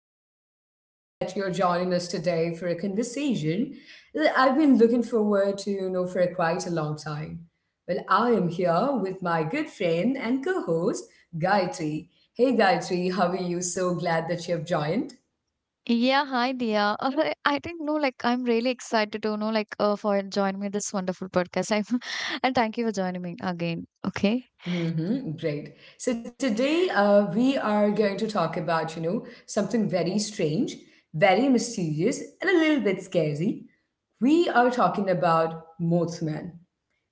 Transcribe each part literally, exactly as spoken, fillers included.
am so happy that you're joining us today for a conversation that I've been looking forward to, you know, for quite a long time. Well, I am here with my good friend and co-host, Gayatri. Hey, Gayatri, how are you? So glad that you have joined. Yeah, hi Dia. Uh, I I think, no, like I'm really excited to know, like, uh, for joining me this wonderful podcast. I'm, and thank you for joining me again. Okay. Mm-hmm, great. So today uh, we are going to talk about, you know, something very strange, very mysterious, and a little bit scary. We are talking about Mothman.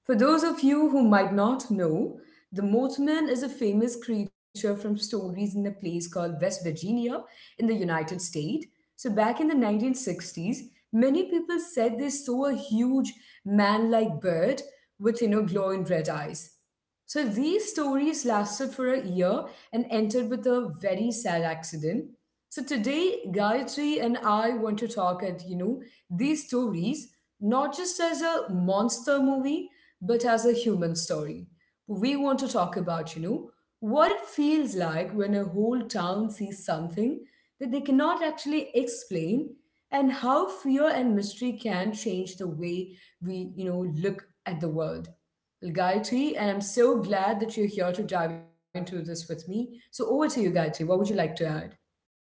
For those of you who might not know, the Mothman is a famous creature from stories in a place called West Virginia in the United States. So back in the nineteen sixties, many people said they saw a huge man-like bird with, you know, glowing red eyes. So these stories lasted for a year and ended with a very sad accident. So today, Gayatri and I want to talk at you know these stories not just as a monster movie but as a human story. We want to talk about you know what it feels like when a whole town sees something that they cannot actually explain and how fear and mystery can change the way we you know look at the world. Gayatri, and I'm so glad that you're here to dive into this with me. So, over to you, Gayatri. What would you like to add?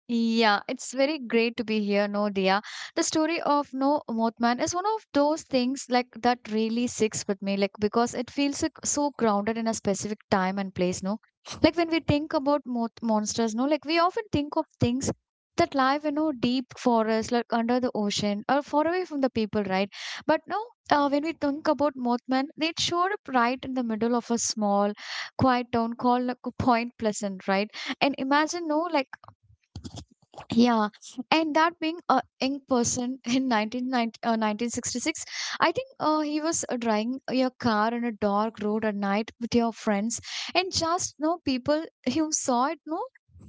Yeah, it's very great to be here, no, Dia. The story of No Mothman is one of those things like that really sticks with me, like because it feels like so grounded in a specific time and place, no? Like when we think about moth monsters, no, like we often think of things that live in a deep forest, like under the ocean or far away from the people, right? But no, uh, when we think about Mothman, they showed up right in the middle of a small, quiet town called, like, Point Pleasant, right? And imagine, no, like, yeah, and that being a young person in nineteen ninety, uh, nineteen sixty-six, I think uh, he was uh, driving your car on a dark road at night with your friends, and just no people who saw it, no,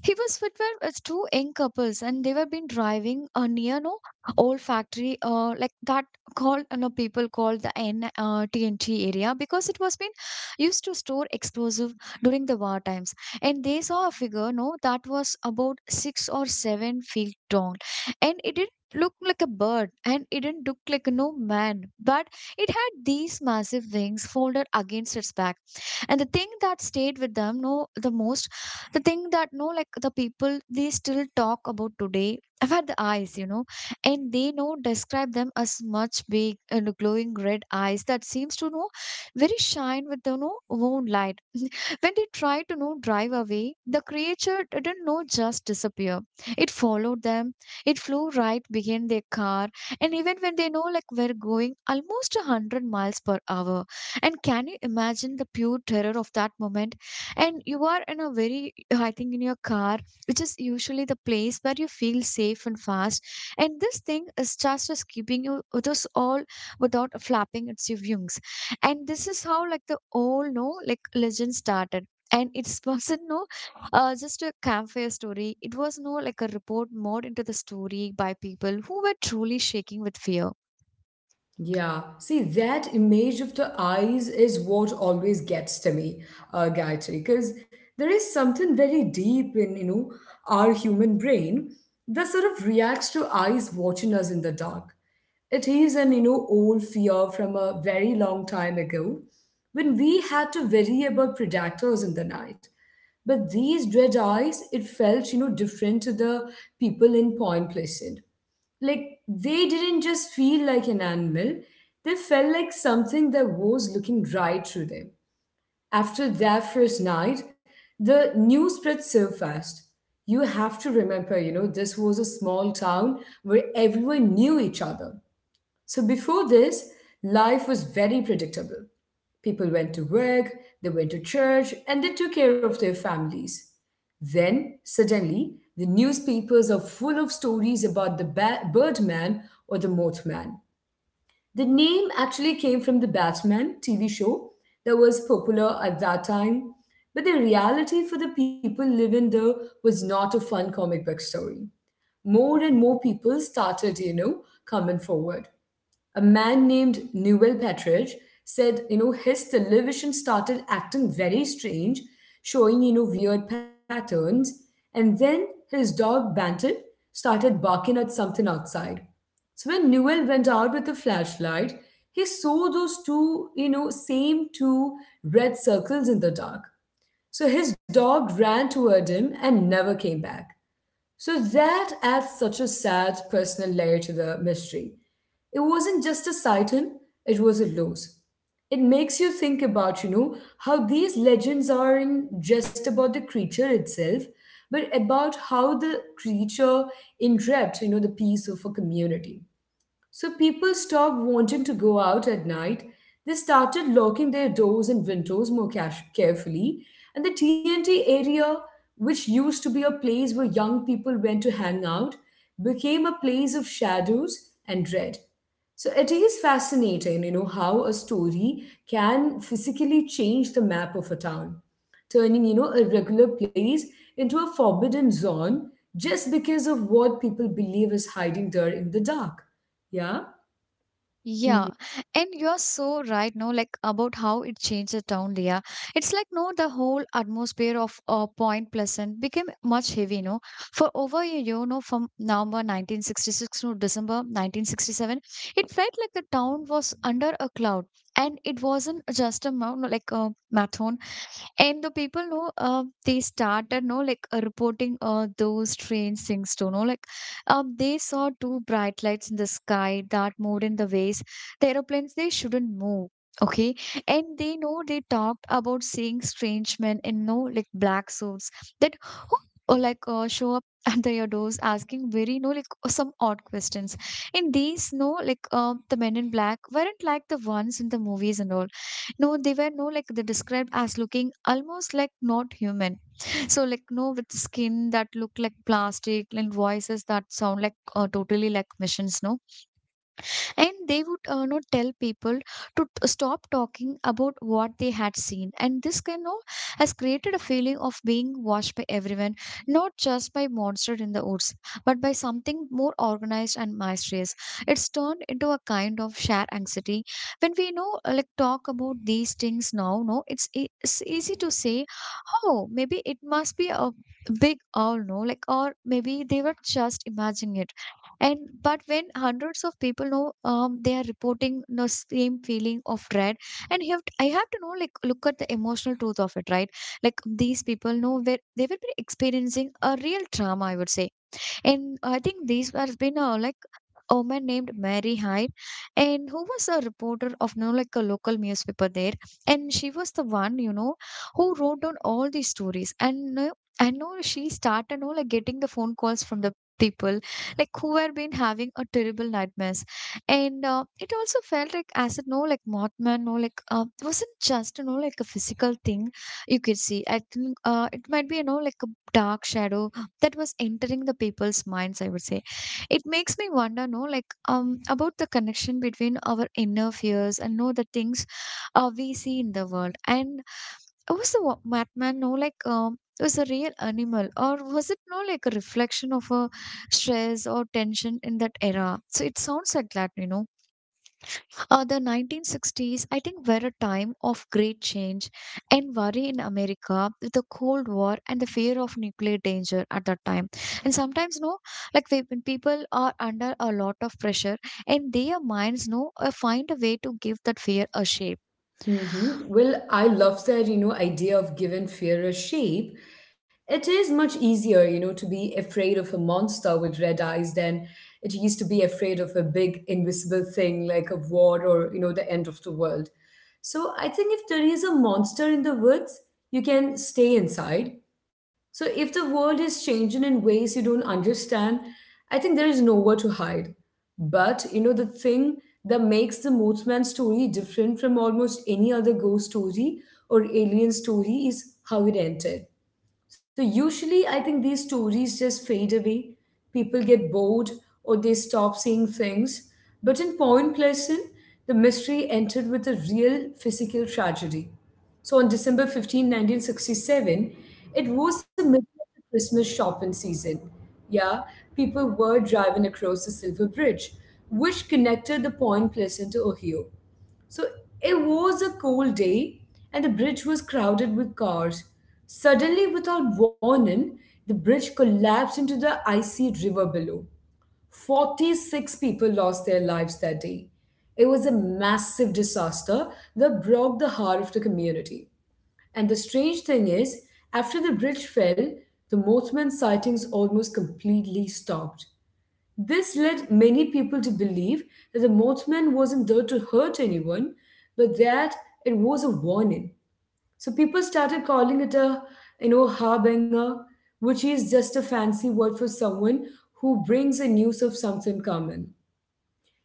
he was with were, uh, two young couples, and they were been driving uh, near no old factory, uh, like that called uh, no people called the N uh, T N T area because it was been used to store explosive during the war times. And they saw a figure no that was about six or seven feet tall, and it didn't look like a bird and it didn't look like no man, but it had these massive wings folded against its back. And the thing that stayed with them no the most, the thing that no like the people they still talk about today, about the eyes, you know, and they know describe them as much big and glowing red eyes that seems to know very shine with the no own light. When they tried to know drive away, the creature didn't know just disappear. It followed them. It flew right behind their car, and even when they know like we're going almost a hundred miles per hour. And can you imagine the pure terror of that moment? And you are in a very, I think, in your car, which is usually the place where you feel safe and fast. And this thing is just just keeping you with us all without flapping its wings. And this is how like the old no like legend started, and it wasn't no, uh, just a campfire story. It was no like a report more into the story by people who were truly shaking with fear. Yeah, see, that image of the eyes is what always gets to me, uh, Gayatri, because there is something very deep in, you know, our human brain that sort of reacts to eyes watching us in the dark. It is an, you know, old fear from a very long time ago when we had to worry about predators in the night. But these dread eyes, it felt, you know, different to the people in Point Pleasant, like they didn't just feel like an animal, they felt like something that was looking right through them. After that first night, the news spread so fast. You have to remember, you know, this was a small town where everyone knew each other. So before this, life was very predictable. People went to work, they went to church, and they took care of their families. Then, suddenly, the newspapers are full of stories about the ba- Birdman or the Mothman. The name actually came from the Batman T V show that was popular at that time, but the reality for the people living there was not a fun comic book story. More and more people started, you know, coming forward. A man named Newell Petridge said, you know, his television started acting very strange, showing, you know, weird patterns. And then his dog, Banton, started barking at something outside. So when Newell went out with a flashlight, he saw those two, you know, same two red circles in the dark. So his dog ran toward him and never came back. So that adds such a sad personal layer to the mystery. It wasn't just a sighting, it was a loss. It makes you think about, you know, how these legends aren't just about the creature itself, but about how the creature enwrapped, you know, the peace of a community. So people stopped wanting to go out at night. They started locking their doors and windows more cash- carefully. And the T N T area, which used to be a place where young people went to hang out, became a place of shadows and dread. So it is fascinating, you know, how a story can physically change the map of a town, turning, you know, a regular place into a forbidden zone just because of what people believe is hiding there in the dark. Yeah. Yeah, hmm and you're so right, no, like about how it changed the town, Leah. It's like, no, the whole atmosphere of uh, Point Pleasant became much heavy, no. For over a year, no, from November nineteen sixty-six to December nineteen sixty-seven, it felt like the town was under a cloud. And it wasn't just a mountain, like a marathon. And the people know uh, they started know like uh, reporting uh, those strange things too. Know, like, um, they saw two bright lights in the sky that moved in the ways the aeroplanes they shouldn't move. Okay, and they know they talked about seeing strange men in no like black suits that who or like uh, show up at the your doors asking very no like some odd questions. And these no like uh, the men in black weren't like the ones in the movies and all, no, they were no like they described as looking almost like not human. So like no with skin that look like plastic and voices that sound like uh, totally like machines. No, and they would uh, know tell people to t- stop talking about what they had seen, and this can know has created a feeling of being watched by everyone, not just by monster in the woods but by something more organized and mysterious. It's turned into a kind of shared anxiety. When we know uh, like talk about these things now no it's, e- it's easy to say, oh maybe it must be a big owl no like, or maybe they were just imagining it. And but when hundreds of people know um, they are reporting the same feeling of dread, and you have to, i have to know like look at the emotional truth of it, right? Like these people know where they will be experiencing a real trauma, I would say. And I think these has been uh, like a woman named Mary Hyde, and who was a reporter of, you know, like a local newspaper there, and she was the one, you know, who wrote down all these stories. And uh, I know she started, you know, like getting the phone calls from the people like who had been having a terrible nightmares. And uh, it also felt like as it no like mothman no like, uh, it wasn't just, you know, like a physical thing you could see. I think uh, it might be, you know, like a dark shadow that was entering the people's minds, I would say. It makes me wonder, no, like um about the connection between our inner fears and know the things uh, we see in the world. And was the wa- madman no like um was a real animal, or was it no like a reflection of a stress or tension in that era? So it sounds like that, you know, uh, the nineteen sixties, I think, were a time of great change and worry in America with the Cold War and the fear of nuclear danger at that time. And sometimes, no, like we- when people are under a lot of pressure, and their minds, no, uh, find a way to give that fear a shape. hmm Well, I love that, you know, idea of giving fear a shape. It is much easier, you know, to be afraid of a monster with red eyes than it used to be afraid of a big invisible thing like a war or, you know, the end of the world. So I think if there is a monster in the woods, you can stay inside. So if the world is changing in ways you don't understand, I think there is nowhere to hide. But you know, the thing that makes the Mothman story different from almost any other ghost story or alien story is how it ended. So usually, I think these stories just fade away. People get bored or they stop seeing things. But in Point Pleasant, the mystery entered with a real physical tragedy. So on December fifteenth, nineteen sixty-seven, it was the middle of the Christmas shopping season. Yeah, people were driving across the Silver Bridge, which connected the Point Pleasant to Ohio. So it was a cold day, and the bridge was crowded with cars. Suddenly, without warning, the bridge collapsed into the icy river below. forty-six people lost their lives that day. It was a massive disaster that broke the heart of the community. And the strange thing is, after the bridge fell, the Mothman sightings almost completely stopped. This led many people to believe that the Mothman wasn't there to hurt anyone, but that it was a warning. So people started calling it a, you know, harbinger, which is just a fancy word for someone who brings a news of something common.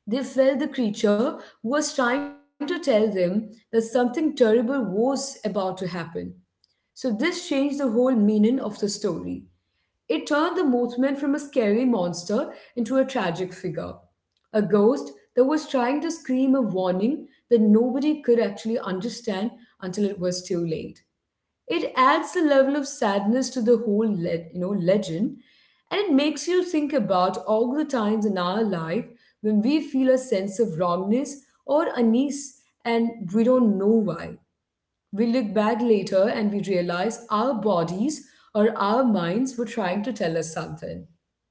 They felt the creature was trying to tell them that something terrible was about to happen. So this changed the whole meaning of the story. It turned the movement from a scary monster into a tragic figure, a ghost that was trying to scream a warning that nobody could actually understand until it was too late. It adds a level of sadness to the whole le- you know legend, and it makes you think about all the times in our life when we feel a sense of wrongness or unease and we don't know why. We look back later and we realize our bodies or our minds were trying to tell us something.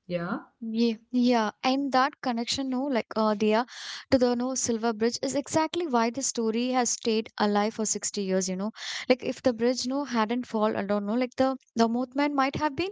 Yeah. Yeah, yeah, and that connection, no, like uh, Dia, to the no Silver Bridge is exactly why the story has stayed alive for sixty years. You know, like if the bridge no hadn't fall, I don't know, like the the movement might have been,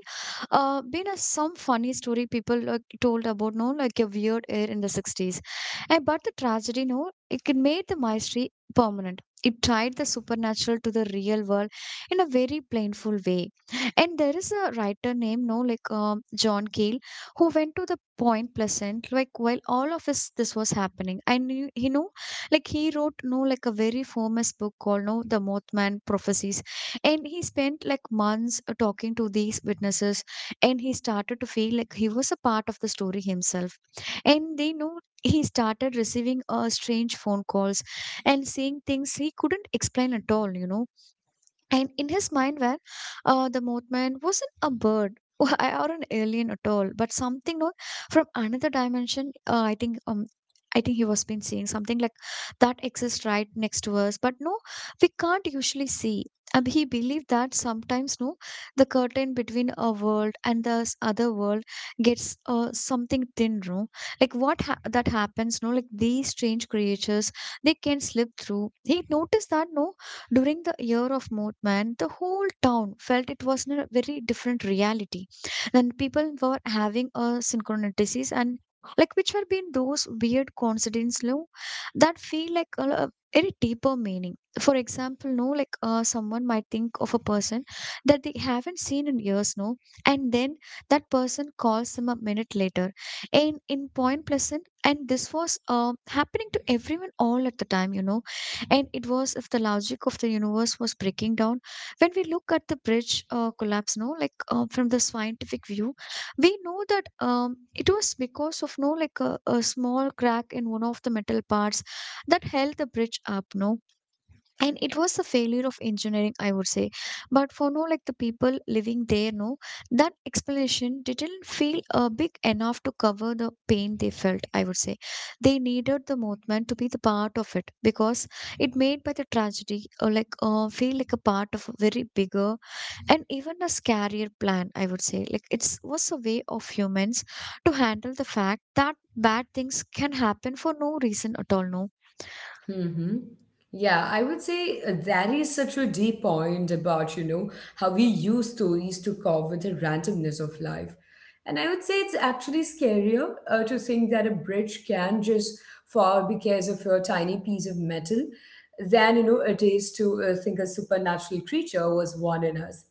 uh, been a some funny story people like told about, no, like a weird air in the sixties, and but the tragedy, no, it can made the mystery permanent. It tied the supernatural to the real world in a very painful way. And there is a writer named, no, like, um, John Keel, who went to the Point Pleasant, like while all of this this was happening. I knew he know, like he wrote no like a very famous book called No The Mothman Prophecies. And he spent like months uh, talking to these witnesses, and he started to feel like he was a part of the story himself. And they know he started receiving uh, strange phone calls and seeing things he couldn't explain at all, you know. And in his mind, where uh, the Mothman wasn't a bird or an alien at all, but something not from another dimension. Uh, I think um, I think he was been seeing something like that exists right next to us, but no, we can't usually see. And he believed that sometimes no, the curtain between a world and the s- other world gets uh, something thin, no, like what ha- that happens, no, like these strange creatures they can slip through. He noticed that no during the year of movement, the whole town felt it was in a very different reality. And people were having a synchronicities and like which were being those weird coincidences, no, that feel like a, a very deeper meaning. For example, no, like uh, someone might think of a person that they haven't seen in years, no, and then that person calls them a minute later. And in Point Pleasant, and this was uh, happening to everyone all at the time, you know, and it was if the logic of the universe was breaking down. When we look at the bridge uh, collapse no like uh, from the scientific view, we know that um, it was because of no like a, a small crack in one of the metal parts that held the bridge up, no, and it was the failure of engineering, I would say. But for no like the people living there, no, that explanation didn't feel uh, big enough to cover the pain they felt, I would say. They needed the movement to be the part of it because it made by the tragedy or like uh, feel like a part of a very bigger and even a scarier plan, I would say. Like it was a way of humans to handle the fact that bad things can happen for no reason at all, no. hmm Yeah, I would say uh, that is such a deep point about, you know, how we use stories to cope with the randomness of life. And I would say it's actually scarier uh, to think that a bridge can just fall because of a tiny piece of metal than, you know, it is to uh, think a supernatural creature was warning us.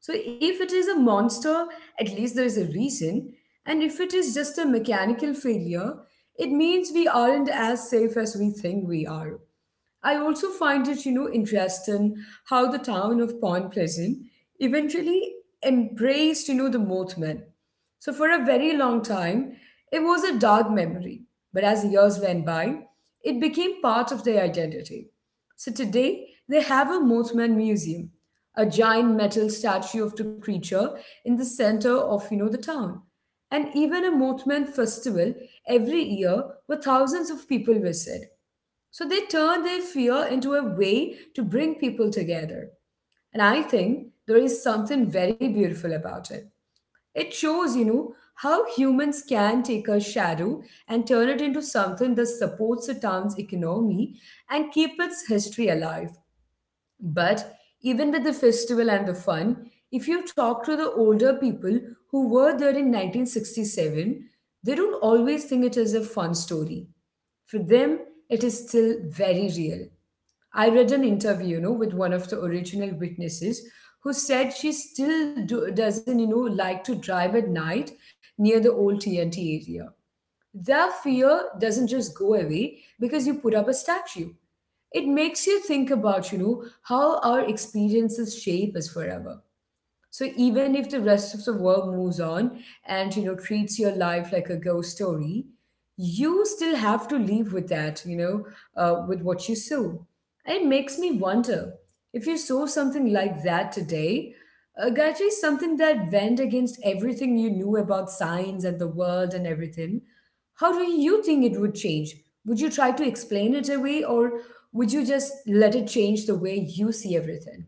So if it is a monster, at least there is a reason. And if it is just a mechanical failure, it means we aren't as safe as we think we are. I also find it, you know, interesting how the town of Point Pleasant eventually embraced, you know, the Mothman. So for a very long time, it was a dark memory, but as the years went by, it became part of their identity. So today, they have a Mothman museum, a giant metal statue of the creature in the center of, you know, the town, and even a Mothman festival every year where thousands of people visit. So they turn their fear into a way to bring people together. And I think there is something very beautiful about it. It shows, you know, how humans can take a shadow and turn it into something that supports a town's economy and keep its history alive. But even with the festival and the fun, if you talk to the older people who were there in nineteen sixty-seven, they don't always think it is a fun story. For them, it is still very real. I read an interview, you know, with one of the original witnesses who said she still do, doesn't, you know, like to drive at night near the old T N T area. Their fear doesn't just go away because you put up a statue. It makes you think about, you know, how our experiences shape us forever. So even if the rest of the world moves on and you know treats your life like a ghost story, you still have to live with that, you know, uh, with what you sow. And It makes me wonder if you sow something like that today, uh, Gaji, something that went against everything you knew about science and the world and everything. How do you think it would change? Would you try to explain it away, or would you just let it change the way you see everything?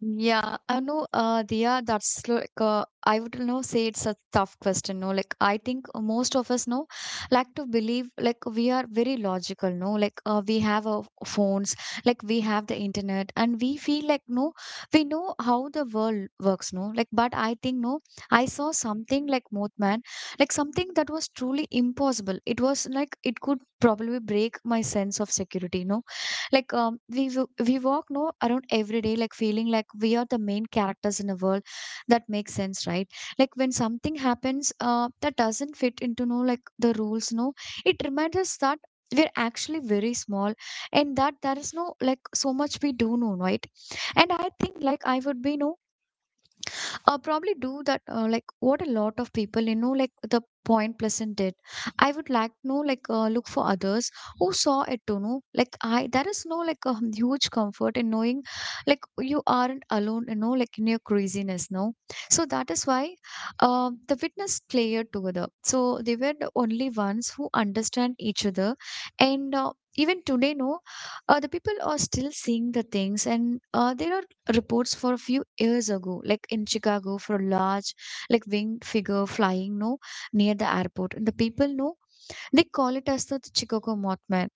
Yeah, I know, uh, Dia, that's like, uh, I would know say it's a tough question, no? Like, I think most of us know, like to believe, like, we are very logical, no? Like, uh, we have our phones, like, we have the internet, and we feel like, no, we know how the world works, no? Like, but I think, no, I saw something like Mothman, like, something that was truly impossible. It was like, it could probably break my sense of security, no? Like um, we w- we walk no around every day, like feeling like we are the main characters in a world. That makes sense, right? Like when something happens, uh, that doesn't fit into no like the rules. No, it reminds us that we're actually very small and that there is no like so much we do know, right? And I think like I would be no, uh, probably do that uh, like what a lot of people, you know, like the Point Pleasant did. I would like to know like, uh, look for others who saw it to know like I there is no like a huge comfort in knowing like you aren't alone, you know, like in your craziness, no. So that is why, uh, the witness player together, so they were the only ones who understand each other. And uh, even today, no, uh, the people are still seeing the things, and uh, they are reports for a few years ago, like in Chicago for a large, like winged figure flying no near the airport. And the people know, they call it as the Chicago Mothman.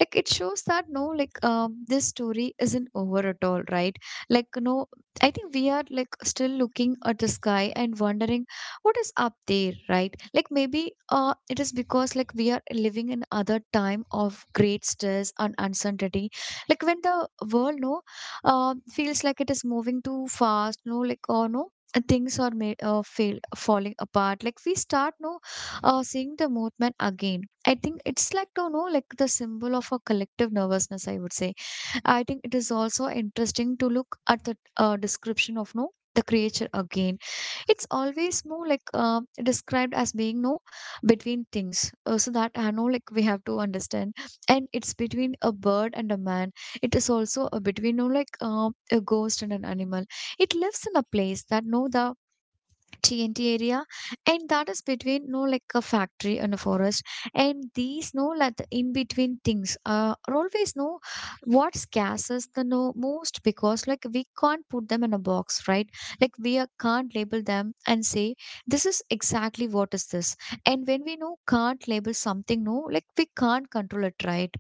Like it shows that no, like um, this story isn't over at all, right? Like no, I think we are like still looking at the sky and wondering what is up there, right? Like maybe uh, it is because like we are living in other time of great stress and uncertainty. Like when the world no, uh, feels like it is moving too fast, no, like or no, uh, things are ma- uh, fail, falling apart. Like we start no, uh, seeing the movement again. I think it's like to know like the symbol of a collective nervousness, I would say. I think it is also interesting to look at the uh, description of no the creature again. It's always more like uh, described as being no between things. Uh, so that I know like we have to understand, and it's between a bird and a man. It is also a between no like uh, a ghost and an animal. It lives in a place that no the T N T area, and that is between no like a factory and a forest, and these no like the in between things uh, are always no what scares us the no most, because like we can't put them in a box, right? Like we are, can't label them and say this is exactly what is this, and when we know can't label something, no like we can't control it, right?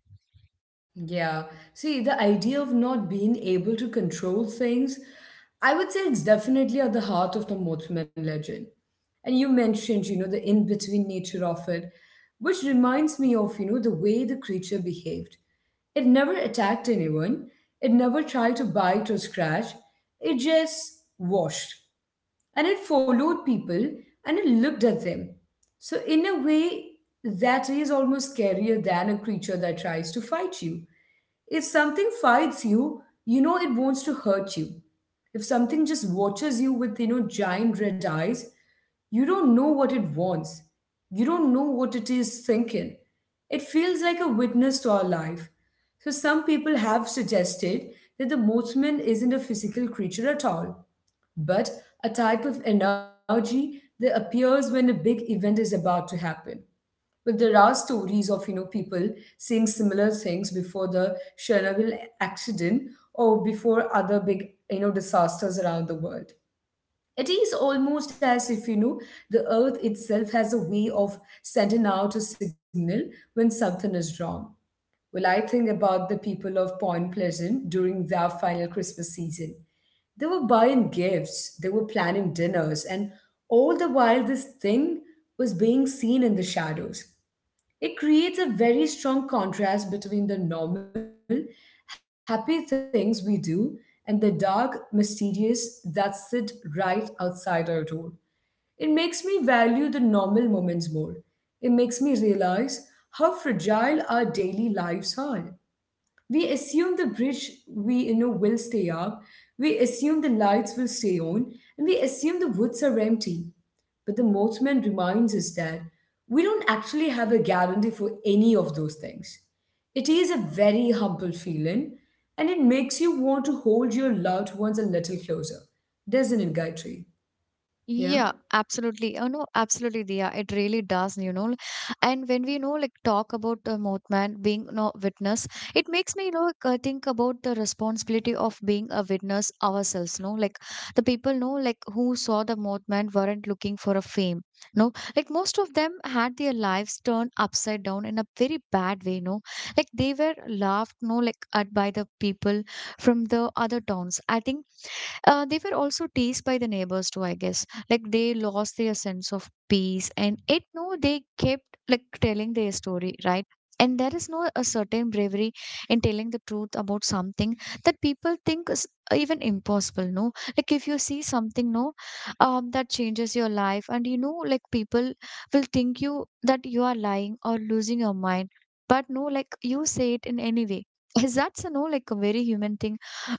Yeah. See, the idea of not being able to control things, I would say it's definitely at the heart of the Mothman legend. And you mentioned, you know, the in between nature of it, which reminds me of, you know, the way the creature behaved. It never attacked anyone, it never tried to bite or scratch, it just watched. And it followed people and it looked at them. So, in a way, that is almost scarier than a creature that tries to fight you if something fights you, you know it wants to hurt you. If something just watches you with, you know, giant red eyes, you don't know what it wants. You don't know what it is thinking. It feels like a witness to our life. So, some people have suggested that the Mothman isn't a physical creature at all, but a type of energy that appears when a big event is about to happen. But there are stories of you know people saying similar things before the Chernobyl accident or before other big you know disasters around the world. It is almost as if you know the earth itself has a way of sending out a signal when something is wrong. Well, I think about the people of Point Pleasant during their final Christmas season. They were buying gifts, they were planning dinners, and all the while this thing was being seen in the shadows. It creates a very strong contrast between the normal, happy things we do and the dark, mysterious that sit right outside our door. It makes me value the normal moments more. It makes me realize how fragile our daily lives are. We assume the bridge we you know will stay up. We assume the lights will stay on, and we assume the woods are empty. But the mothman reminds us that we don't actually have a guarantee for any of those things. It is a very humble feeling, and it makes you want to hold your loved ones a little closer, doesn't it, Gayatri? Yeah. Yeah, absolutely. Oh no, absolutely, Dia. It really does, you know. And when we know, like, talk about the Mothman being no witness, it makes me, you know, like, uh, think about the responsibility of being a witness ourselves. No, like the people know, like, who saw the Mothman weren't looking for a fame. No, like most of them had their lives turned upside down in a very bad way. No, like they were laughed, no, like at by the people from the other towns. I think uh, they were also teased by the neighbors too, I guess. Like they lost their sense of peace, and it no, they kept like telling their story, right? And there is no a certain bravery in telling the truth about something that people think is even impossible. No, like if you see something, no, um, that changes your life, and you know, like people will think you that you are lying or losing your mind, but no, like you say it in any way. Is that's a no, like a very human thing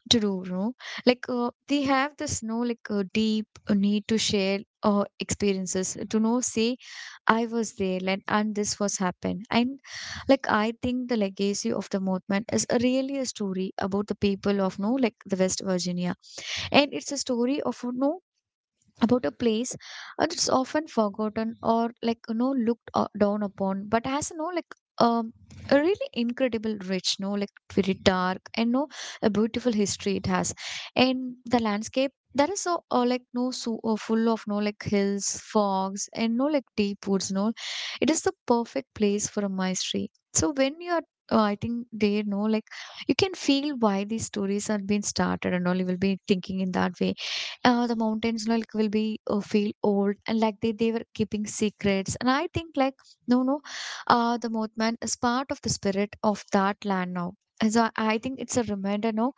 to do, no? Like uh, they have this no like uh, deep uh, need to share uh, experiences to know say I was there like, and this was happened. And like I think the legacy of the movement is a really a story about the people of no like the West Virginia, and it's a story of no about a place uh, that's often forgotten or like, you know, looked uh, down upon, but has, you know, like um a really incredible rich no like very dark and no a beautiful history it has. And the landscape that is so uh, like no so uh, full of no like hills, fogs, and no like deep woods no, it is the perfect place for a mystery. So when you are, uh, I think they know like you can feel why these stories are being started, and all you will be thinking in that way. Uh, the mountains like will be uh, feel old, and like they, they were keeping secrets. And I think like, no no, uh, the Mothman is part of the spirit of that land now. And so I think it's a reminder now,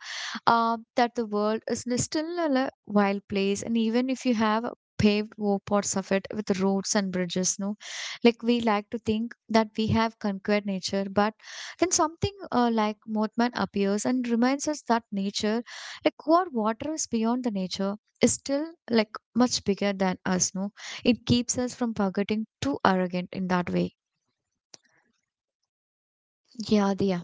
uh, that the world is li- still a li- wild place. And even if you have paved war parts of it with roads and bridges no, like we like to think that we have conquered nature, but then something uh, like Mothman appears and reminds us that nature, like what water is beyond the nature, is still like much bigger than us, no. It keeps us from forgetting too arrogant in that way. Yeah, Diya.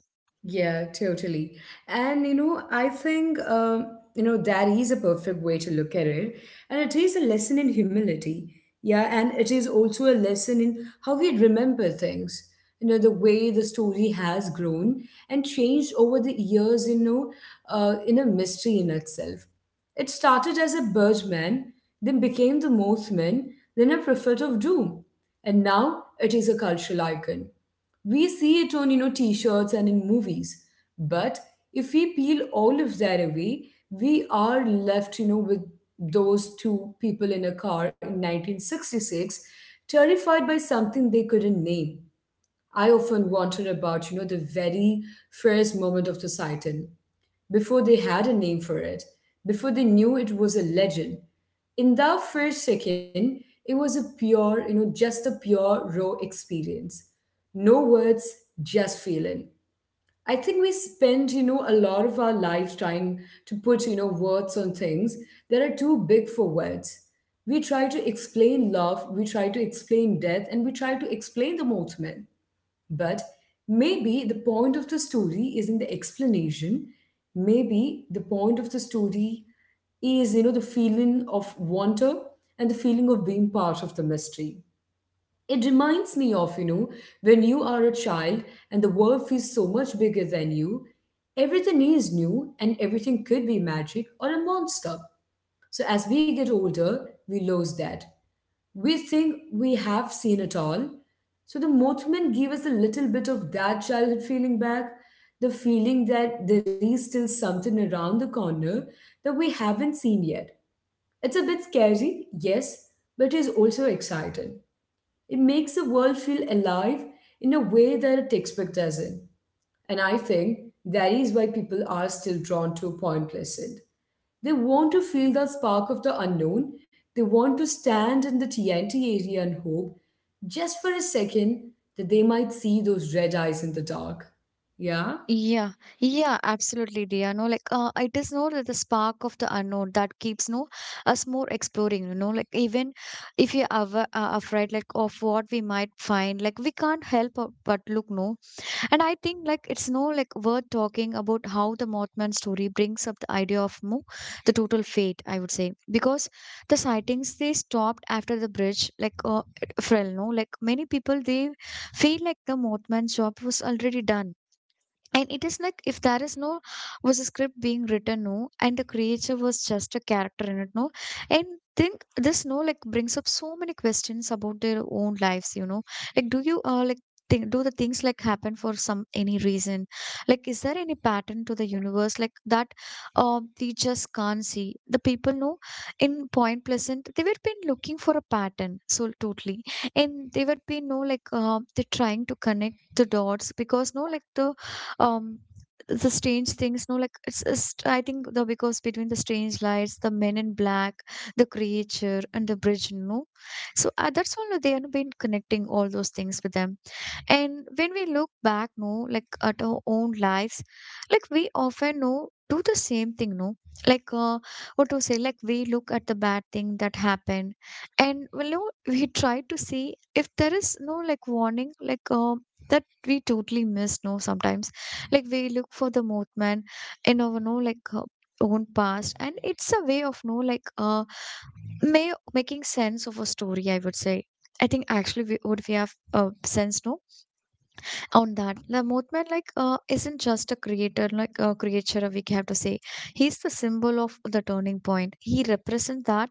Yeah, totally. And you know, I think um, you know that is a perfect way to look at it, and it is a lesson in humility. Yeah, and it is also a lesson in how we remember things. You know, the way the story has grown and changed over the years. You know, uh, in a mystery in itself. It started as a birdman, then became the Mothman, then a prophet of doom, and now it is a cultural icon. We see it on, you know, t-shirts and in movies. But if we peel all of that away, we are left, you know, with those two people in a car in nineteen sixty-six, terrified by something they couldn't name. I often wonder about, you know, the very first moment of the sighting before they had a name for it, before they knew it was a legend. In that first second, it was a pure, you know, just a pure, raw experience. No words, just feeling. I think we spend, you know, a lot of our life trying to put, you know, words on things that are too big for words. We try to explain love, we try to explain death, and we try to explain the ultimate. But maybe the point of the story is in the explanation. Maybe the point of the story is, you know, the feeling of wonder and the feeling of being part of the mystery. It reminds me of, you know, when you are a child and the world feels so much bigger than you, everything is new and everything could be magic or a monster. So as we get older, we lose that. We think we have seen it all. So the Mothman gave us a little bit of that childhood feeling back, the feeling that there is still something around the corner that we haven't seen yet. It's a bit scary, yes, but it's also exciting. It makes the world feel alive in a way that a textbook doesn't. And I think that is why people are still drawn to Point Pleasant. They want to feel that spark of the unknown. They want to stand in the T N T area and hope, just for a second, that they might see those red eyes in the dark. Yeah? Yeah, yeah, absolutely, dear. No, like uh, it is no the spark of the unknown that keeps no us more exploring. You know, like even if you're ava- uh, afraid like of what we might find, like we can't help uh, but look, no. And I think like it's no like worth talking about how the Mothman story brings up the idea of no the total fate, I would say. Because the sightings they stopped after the bridge, like uh, Frel. No, like many people they feel like the Mothman job was already done. And it is like if there is no was a script being written no, and the creature was just a character in it, no. And think this no like brings up so many questions about their own lives, you know. Like do you uh, like think do the things like happen for some any reason, like is there any pattern to the universe like that uh, we just can't see. The people know in Point Pleasant, they were been looking for a pattern so totally, and they would be no like uh, they're trying to connect the dots, because no like the, um the strange things no, like it's, it's I think the because between the strange lights, the men in black, the creature, and the bridge no. So uh, that's why they have been connecting all those things with them. And when we look back, no, like at our own lives, like we often no do the same thing, no, like uh, what to say, like we look at the bad thing that happened, and well, no, we try to see if there is no like warning, like uh, that we totally miss, no, sometimes, like we look for the movement in our no like. Uh, own past. And it's a way of no like uh may making sense of a story, I would say. I think actually we, what we have uh, sense no on that, the Mothman like uh, isn't just a creator like a creature, we have to say. He's the symbol of the turning point. He represents that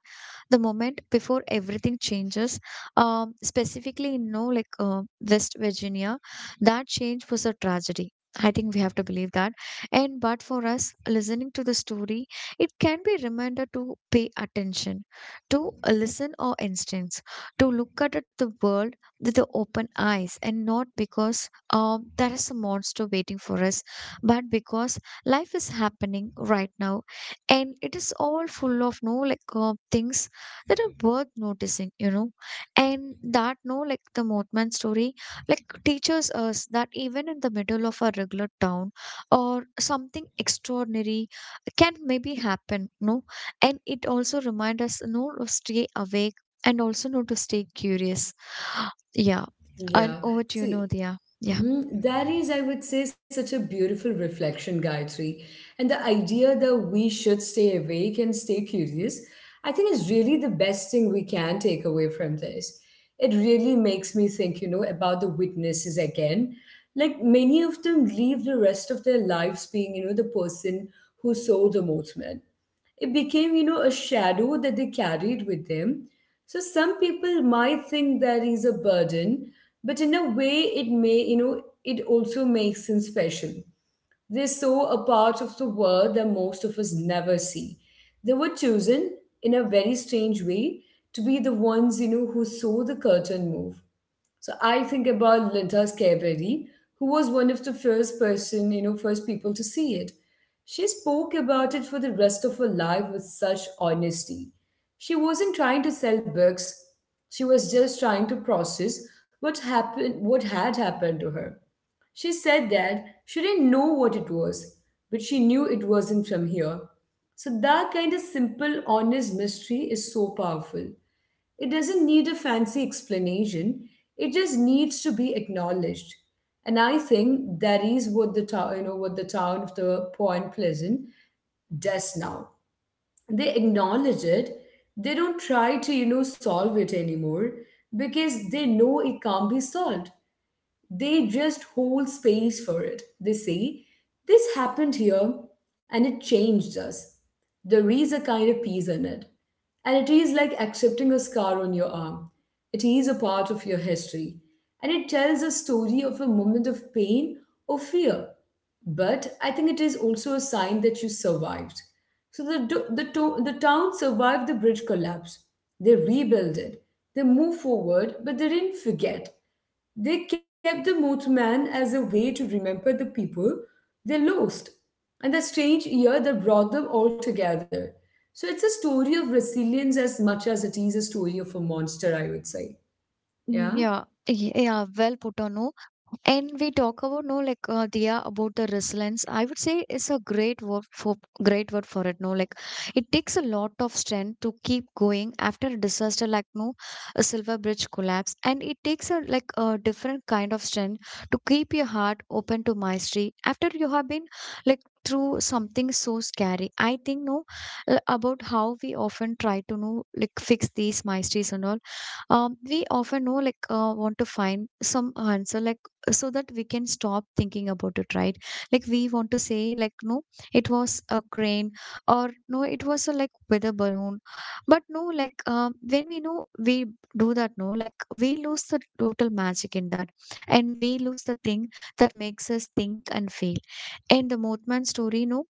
the moment before everything changes, um, specifically in no like uh, West Virginia. That change was a tragedy, I think we have to believe that. And but for us listening to the story, it can be a reminder to pay attention to, uh, listen our instincts, to look at it the world with the open eyes, and not because, um, there is a monster waiting for us. But because life is happening right now, and it is all full of no like uh, things that are worth noticing, you know. And that no like the Mothman story like teaches us that even in the middle of a regular town or something extraordinary can maybe happen, no. And it also reminds us no to stay awake, and also no to stay curious. Yeah, and Yeah. over to you, See, Nodia. Yeah. mhm. That is, I would say, such a beautiful reflection, Gayatri. And the idea that we should stay awake and stay curious, I think is really the best thing we can take away from this. It really makes me think, you know, about the witnesses again. Like many of them leave the rest of their lives being, you know, the person who saw the movement. It became, you know, a shadow that they carried with them. So some people might think that he's a burden, but in a way, it may, you know, it also makes him special. They saw a part of the world that most of us never see. They were chosen in a very strange way to be the ones, you know, who saw the curtain move. So I think about Linda Schiaveri, who was one of the first person, you know, first people to see it. She spoke about it for the rest of her life with such honesty. She wasn't trying to sell books. She was just trying to process what happened, what had happened to her. She said that she didn't know what it was, but she knew it wasn't from here. So that kind of simple, honest mystery is so powerful. It doesn't need a fancy explanation. It just needs to be acknowledged. And I think that is what the town, you know, what the town of the Point Pleasant does now. They acknowledge it. They don't try to, you know, solve it anymore because they know it can't be solved. They just hold space for it. They say, "This happened here and it changed us." There is a kind of peace in it. And it is like accepting a scar on your arm. It is a part of your history. And it tells a story of a moment of pain or fear. But I think it is also a sign that you survived. So the, do- the, to- the town survived the bridge collapse. They rebuilt it. They moved forward, but they didn't forget. They kept the mothman as a way to remember the people they lost and the strange year that brought them all together. So it's a story of resilience as much as it is a story of a monster, I would say. Mm, Yeah. yeah, y- yeah, well put on. No, and we talk about no like uh, Dia about the resilience. I would say it's a great word for great word for it. No, like it takes a lot of strength to keep going after a disaster like no a Silver Bridge collapse. And it takes a like a different kind of strength to keep your heart open to mystery after you have been like through something so scary. I think no, l- about how we often try to know like fix these mysteries and all, um, we often know like uh, want to find some answer, like so that we can stop thinking about it, right? Like we want to say, like no, it was a crane, or no, it was a like weather balloon. But no like, uh, when we know we do that, no, like we lose the total magic in that, and we lose the thing that makes us think and feel. And the Mothman story, no,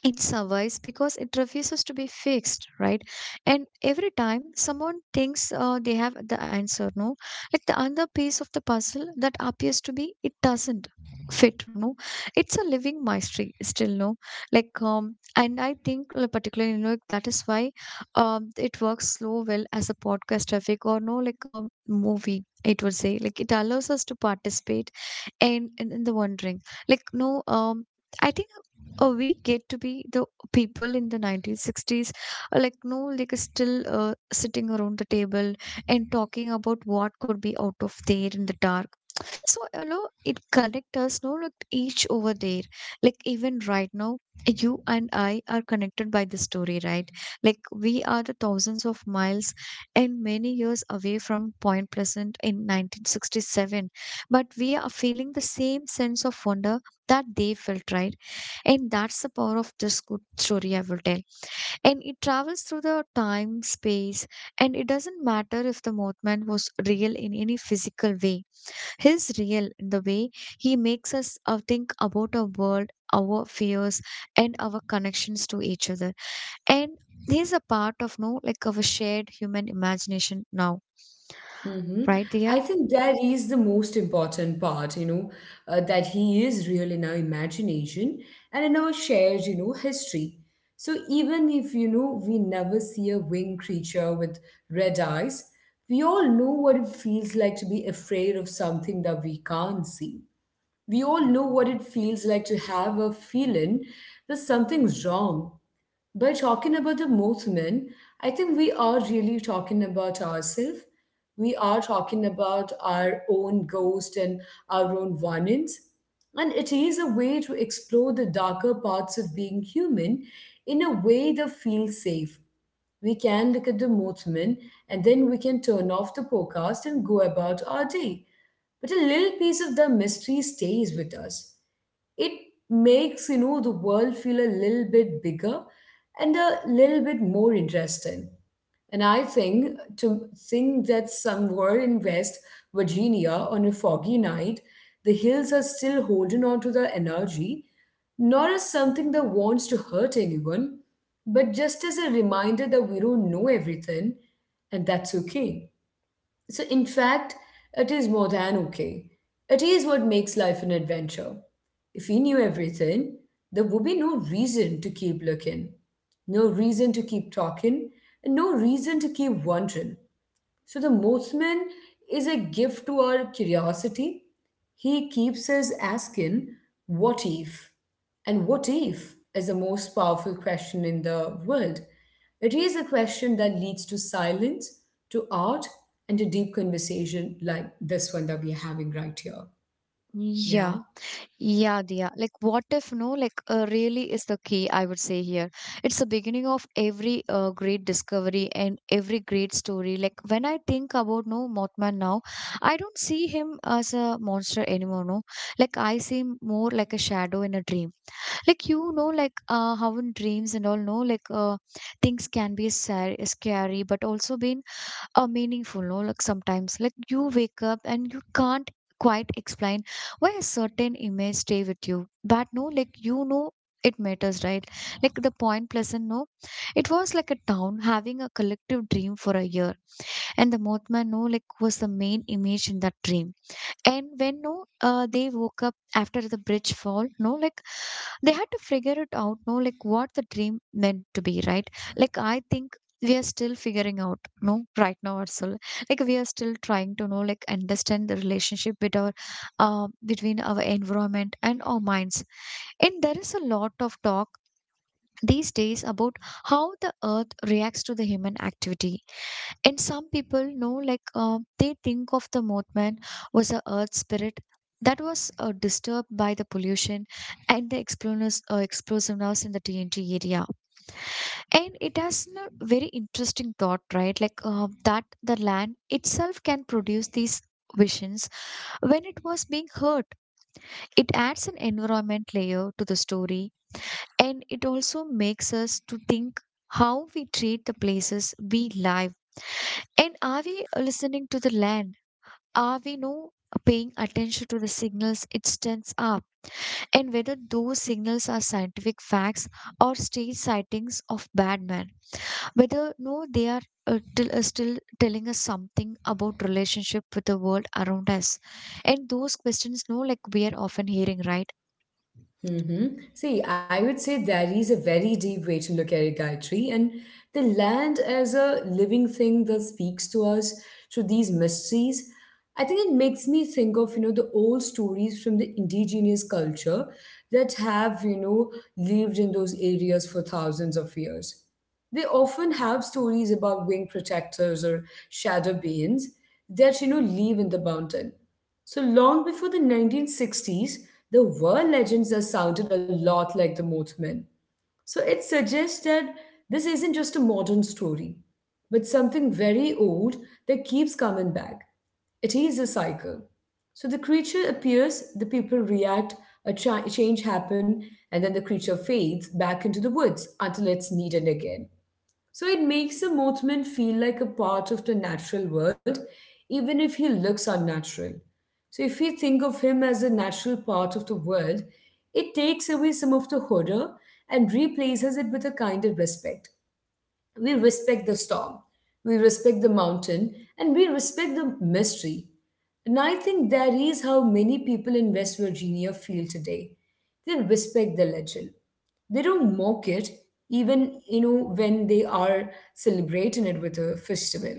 it survives because it refuses to be fixed, right? And every time someone thinks uh, they have the answer, no, like the other piece of the puzzle that appears to be, it doesn't fit, no. It's a living mystery still, no, like um and I think, uh, particularly, you know, like, that is why um it works so well as a podcast traffic, or no, like a movie, it would say. Like it allows us to participate and in, in the wondering, like no, um I think uh, we get to be the people in the nineteen sixties, uh, like no like, uh, still, uh, sitting around the table and talking about what could be out of there in the dark. So, you know, it connects us, no, like each over there. Like even right now, you and I are connected by the story, right? Like we are the thousands of miles and many years away from Point Pleasant in nineteen sixty-seven. But we are feeling the same sense of wonder that they felt, right? And that's the power of this good story, I will tell. And it travels through the time, space, and it doesn't matter if the movement was real in any physical way. He's real in the way he makes us uh, think about our world, our fears, and our connections to each other. And he's a part of no, like our shared human imagination now, Hmm. right, I Dia? think that is the most important part, you know, uh, that he is real in our imagination and in our shared, you know, history. So even if, you know, we never see a winged creature with red eyes, we all know what it feels like to be afraid of something that we can't see. We all know what it feels like to have a feeling that something's wrong. By talking about the movement, I think we are really talking about ourselves. We are talking about our own ghost and our own warnings. And it is a way to explore the darker parts of being human in a way that feels safe. We can look at the movement and then we can turn off the podcast and go about our day. But a little piece of the mystery stays with us. It makes you know the world feel a little bit bigger and a little bit more interesting. And I think to think that somewhere in West Virginia on a foggy night, the hills are still holding on to the energy, not as something that wants to hurt anyone, but just as a reminder that we don't know everything. And that's okay. So, in fact, it is more than okay. It is what makes life an adventure. If we knew everything, there would be no reason to keep looking, no reason to keep talking, and no reason to keep wondering. So the Mothman is a gift to our curiosity. He keeps us asking, what if? And what if is the most powerful question in the world. It is a question that leads to silence, to art, and to deep conversation like this one that we're having right here. Yeah. Yeah. Yeah, Dia. Like, what if no? Like, uh, really is the key, I would say here. It's the beginning of every uh, great discovery and every great story. Like, when I think about no Mothman now, I don't see him as a monster anymore. No, like I see him more like a shadow in a dream. Like you know, like, uh, how in dreams and all, no, like, uh, things can be scary, scary, but also be uh, meaningful, no, like sometimes like you wake up and you can't quite explain why a certain image stay with you, but no like you know it matters, right? Like the Point Pleasant, no, it was like a town having a collective dream for a year. And the Mothman, no, like was the main image in that dream. And when no, uh, they woke up after the bridge fall, no, like they had to figure it out, no, like what the dream meant to be, right? Like I think we are still figuring out no right now ourselves. Like we are still trying to know like understand the relationship with our uh, between our environment and our minds. And there is a lot of talk these days about how the Earth reacts to the human activity. And some people know, like, uh, they think of the Mothman was a earth spirit that was uh, disturbed by the pollution and the explosives, uh, explosiveness in the TNT area. And it has a very interesting thought, right, like, uh, that the land itself can produce these visions when it was being hurt. It adds an environment layer to the story, and it also makes us to think how we treat the places we live. And are we uh, listening to the land? Are we no paying attention to the signals it sends up? And whether those signals are scientific facts or stage sightings of bad men, whether no they are uh, till, uh, still telling us something about relationship with the world around us. And those questions, no, like we are often hearing, right? Mm-hmm. See, I would say that is a very deep way to look at it, Gayatri. And the land as a living thing that speaks to us through these mysteries, I think it makes me think of, you know, the old stories from the indigenous culture that have, you know, lived in those areas for thousands of years. They often have stories about wing protectors or shadow beings that, you know, live in the mountain. So long before the nineteen sixties, there were legends that sounded a lot like the Mothman. So it suggests that this isn't just a modern story, but something very old that keeps coming back. It is a cycle. So the creature appears, the people react, a cha- change happen, and then the creature fades back into the woods until it's needed again. So it makes a mothman feel like a part of the natural world, even if he looks unnatural. So if we think of him as a natural part of the world, it takes away some of the horror and replaces it with a kind of respect. We respect the storm, we respect the mountain, and we respect the mystery. And I think that is how many people in West Virginia feel today. They respect the legend. They don't mock it, even you know when they are celebrating it with a festival.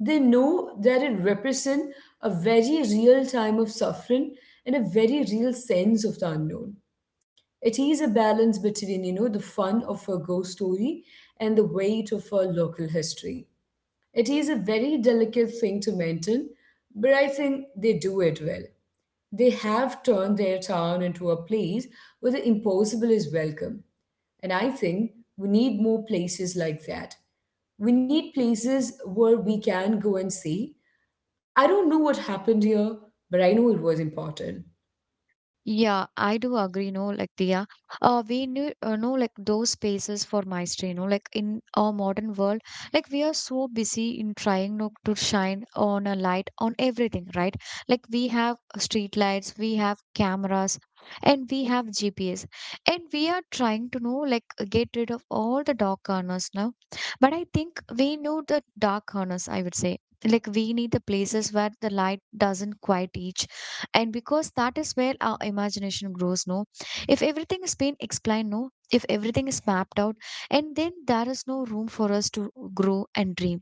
They know that it represents a very real time of suffering and a very real sense of the unknown. It is a balance between, you know, the fun of a ghost story and the weight of a local history. It is a very delicate thing to maintain, but I think they do it well. They have turned their town into a place where the impossible is welcome. And I think we need more places like that. We need places where we can go and say, I don't know what happened here, but I know it was important. Yeah, I do agree, no, like Diya. Uh, we knew, uh, know, like those spaces for mastery, you know, like in our modern world, like we are so busy in trying no, to shine on a light on everything, right? Like we have street lights, we have cameras, and we have G P S, and we are trying to know, like, get rid of all the dark corners now. But I think we know the dark corners, I would say. Like we need the places where the light doesn't quite reach, and because that is where our imagination grows, no, if everything has been explained, no, if everything is mapped out, and then there is no room for us to grow and dream.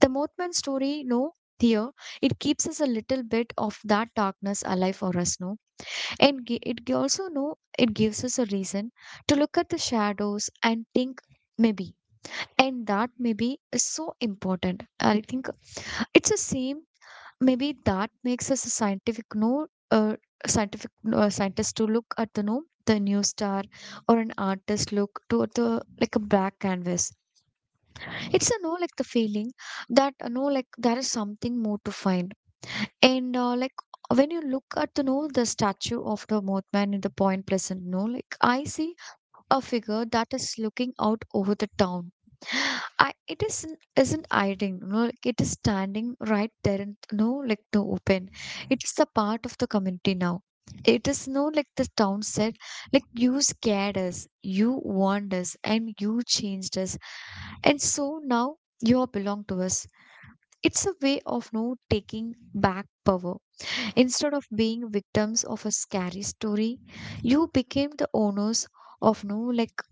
The Mothman story, no, here it keeps us a little bit of that darkness alive for us, no. And gi- it gi- also, no, it gives us a reason to look at the shadows and think maybe. And that maybe is so important, I think. It's the same maybe that makes us a scientific, no, uh, scientific uh, scientist to look at the no the new star, or an artist look to at the like a black canvas. It's a no, like the feeling that you know like there is something more to find. And uh, like when you look at the no the statue of the Mothman in the Point Pleasant, no, like I see a figure that is looking out over the town. I it isn't isn't hiding, no, like it is standing right there in no like the open. It is the part of the community now. It is, no, like the town said, like you scared us, you warned us, and you changed us, and so now you all belong to us. It's a way of no taking back power. Instead of being victims of a scary story, you became the owners of, no, like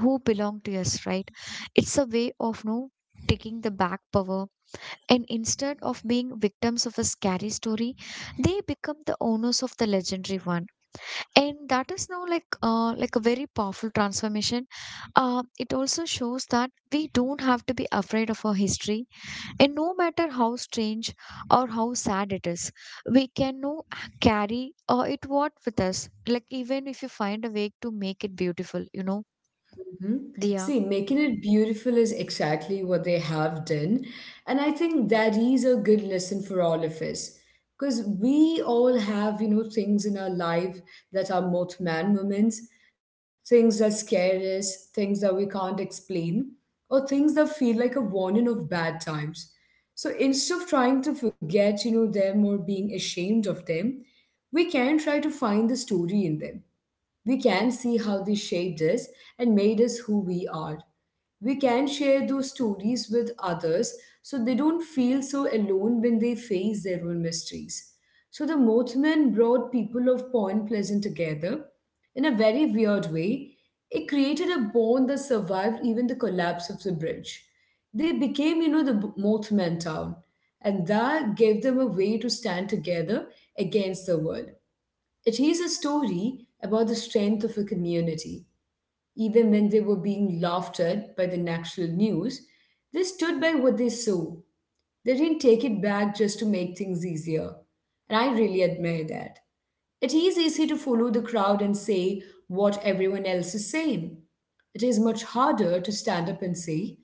who belong to us, right? It's a way of no taking the back power. And instead of being victims of a scary story, they become the owners of the legendary one. And that is now like, uh, like a very powerful transformation. Uh, it also shows that we don't have to be afraid of our history, and no matter how strange or how sad it is, we can no carry uh, it what with us. Like even if you find a way to make it beautiful, you know, Mhm. Dia. See, making it beautiful is exactly what they have done. And I think that is a good lesson for all of us. Because we all have, you know, things in our life that are both man moments, things that scare us, things that we can't explain, or things that feel like a warning of bad times. So instead of trying to forget, you know, them or being ashamed of them, we can try to find the story in them. We can see how they shaped us and made us who we are. We can share those stories with others so they don't feel so alone when they face their own mysteries. So the Mothman brought people of Point Pleasant together in a very weird way. It created a bond that survived even the collapse of the bridge. They became, you know, the B- Mothman town, and that gave them a way to stand together against the world. It is a story about the strength of a community. Even when they were being laughed at by the national news, they stood by what they saw. They didn't take it back just to make things easier. And I really admire that. It is easy to follow the crowd and say what everyone else is saying. It is much harder to stand up and say,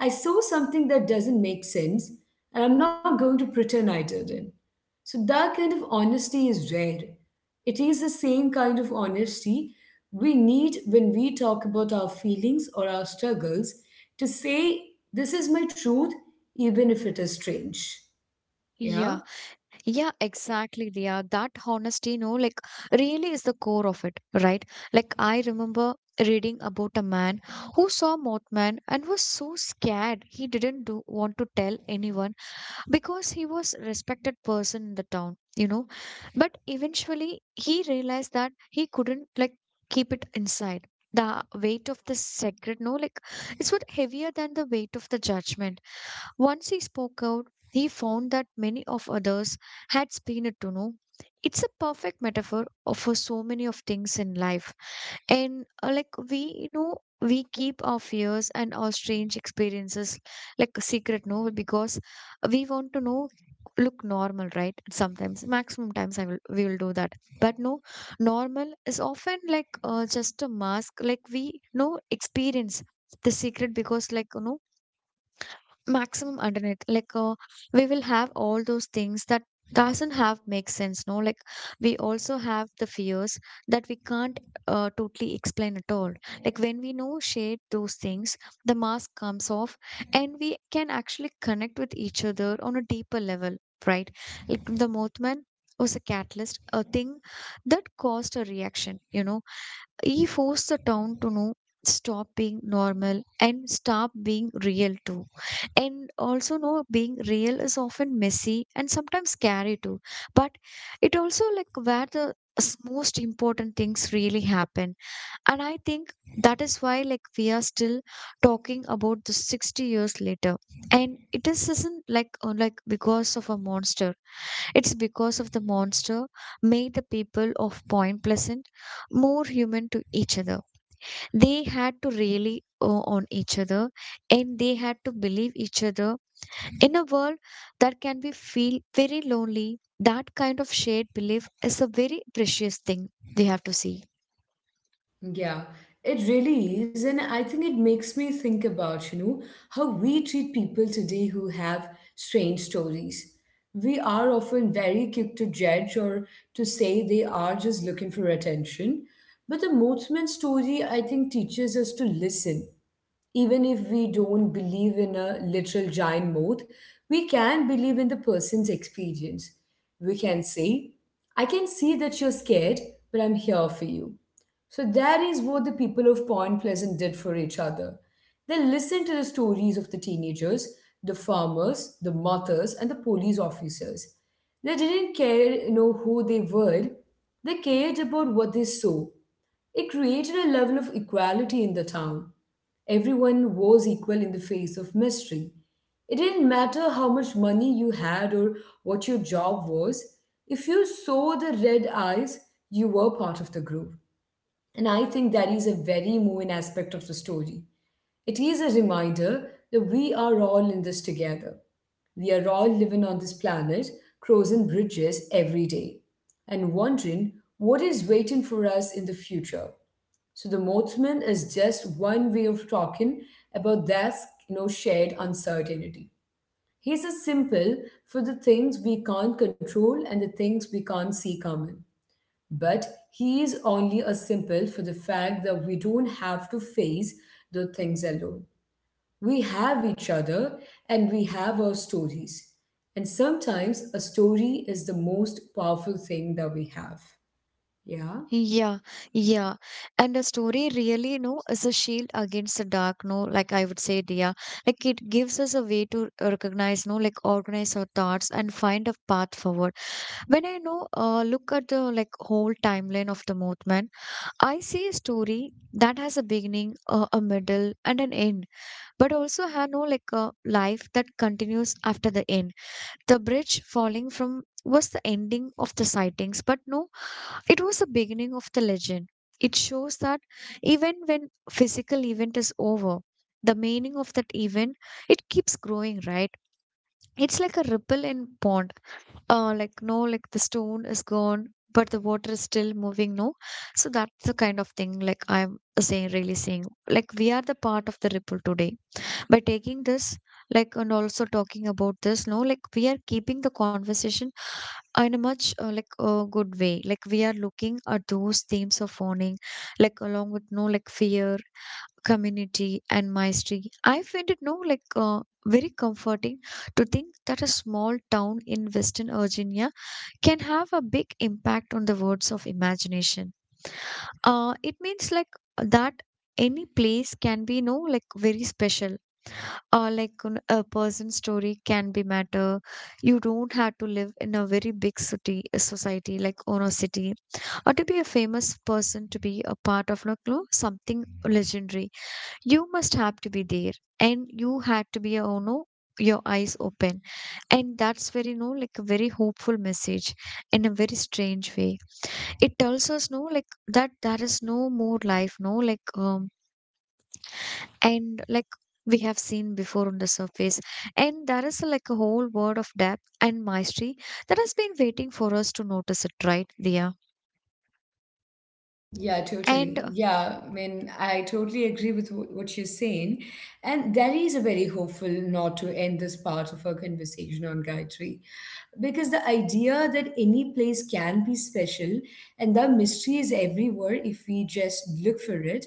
I saw something that doesn't make sense, and I'm not going to pretend I didn't. So that kind of honesty is rare. It is the same kind of honesty we need when we talk about our feelings or our struggles to say, this is my truth, even if it is strange. Yeah, Yeah? yeah, exactly, Dia. That honesty, you know, like really is the core of it, right? Like I remember reading about a man who saw Mothman and was so scared he didn't do, want to tell anyone because he was respected person in the town, you know. But eventually he realized that he couldn't like keep it inside. The weight of the sacred, no, like it's what heavier than the weight of the judgment. Once he spoke out, he found that many of others had spined it to know. It's a perfect metaphor of- for so many of things in life. And uh, like we, you know, we keep our fears and our strange experiences like a secret, no, because we want to know look normal, right? Sometimes, maximum times I will we will do that. But no, normal is often like uh, just a mask. Like we no experience the secret because like you know maximum underneath like, uh, we will have all those things that doesn't have make sense, no, like we also have the fears that we can't uh, totally explain at all. Like when we know shade those things, the mask comes off, and we can actually connect with each other on a deeper level, right? Like the Mothman was a catalyst, a thing that caused a reaction, you know. He forced the town to know stop being normal and stop being real too. And also know being real is often messy and sometimes scary too. But it also like where the s- most important things really happen. And I think that is why like we are still talking about this sixty years later. And it is isn't like, uh, like because of a monster. It's because of the monster made the people of Point Pleasant more human to each other. They had to really uh, on each other, and they had to believe each other in a world that can be feel very lonely. That kind of shared belief is a very precious thing they have to see. Yeah, it really is. And I think it makes me think about, you know, how we treat people today who have strange stories. We are often very quick to judge or to say they are just looking for attention. But the Mothman story, I think, teaches us to listen. Even if we don't believe in a literal giant moth, we can believe in the person's experience. We can say, I can see that you're scared, but I'm here for you. So that is what the people of Point Pleasant did for each other. They listened to the stories of the teenagers, the farmers, the mothers, and the police officers. They didn't care, you know, who they were. They cared about what they saw. It created a level of equality in the town. Everyone was equal in the face of mystery. It didn't matter how much money you had or what your job was. If you saw the red eyes, you were part of the group. And I think that is a very moving aspect of the story. It is a reminder that we are all in this together. We are all living on this planet, crossing bridges every day, and wondering what is waiting for us in the future. So the Mothman is just one way of talking about that you know, shared uncertainty. He's a simple for the things we can't control and the things we can't see coming. But he is only a simple for the fact that we don't have to face the things alone. We have each other and we have our stories. And sometimes a story is the most powerful thing that we have. Yeah. Yeah, yeah. And the story really, you know, is a shield against the dark, no, like I would say, Dia. Like it gives us a way to recognize, no, like organize our thoughts and find a path forward. When I know, uh, look at the like whole timeline of the movement, I see a story that has a beginning, uh, a middle, and an end, but also have no like a life that continues after the end. The bridge falling from was the ending of the sightings, but no, it was the beginning of the legend. It shows that even when physical event is over, the meaning of that event it keeps growing, right? It's like a ripple in pond. Uh, like no, like the stone is gone, but the water is still moving. No, so that's the kind of thing like I'm saying, really saying, like we are the part of the ripple today by taking this like and also talking about this no like we are keeping the conversation in a much uh, like uh, good way like we are looking at those themes of owning like along with no like fear community and mastery. I find it no like uh, very comforting to think that a small town in western virginia can have a big impact on the words of imagination. uh, it means like that any place can be no like very special or like un- a person's story can be matter. You don't have to live in a very big city a society like ono city or to be a famous person to be a part of like, no something legendary. You must have to be there and you had to be a ono your eyes open, and that's very no like a very hopeful message in a very strange way. It tells us no like that there is no more life no like um and like we have seen before on the surface, and there is like a whole world of depth and mastery that has been waiting for us to notice it, right, Dia? Yeah, And totally. uh, Yeah, I mean, I totally agree with wh- what you're saying. And that is a very hopeful not to end this part of our conversation on Gayatri. Because the idea that any place can be special and the mystery is everywhere if we just look for it,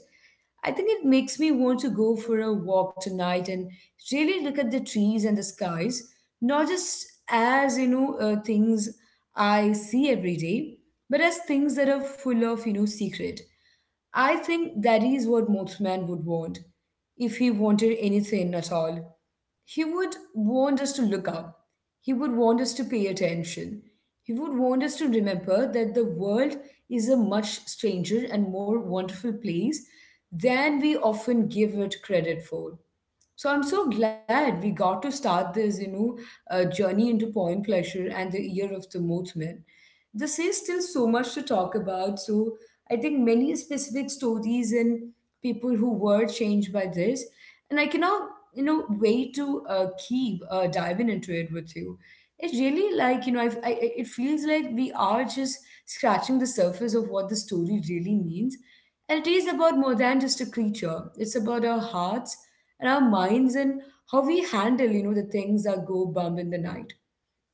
I think it makes me want to go for a walk tonight and really look at the trees and the skies, not just as, you know, uh, things I see every day, but as things that are full of, you know, secret. I think that is what most Mothman would want, if he wanted anything at all. He would want us to look up. He would want us to pay attention. He would want us to remember that the world is a much stranger and more wonderful place than we often give it credit for. So I'm so glad we got to start this, you know, uh, journey into poem pleasure and the year of the Mothman. This is still so much to talk about. So I think many specific stories and people who were changed by this. And I cannot you know way to uh, keep uh, diving into it with you. It's really like you know I've, I I- it feels like we are just scratching the surface of what the story really means, and it is about more than just a creature. It's about our hearts and our minds and how we handle you know the things that go bump in the night.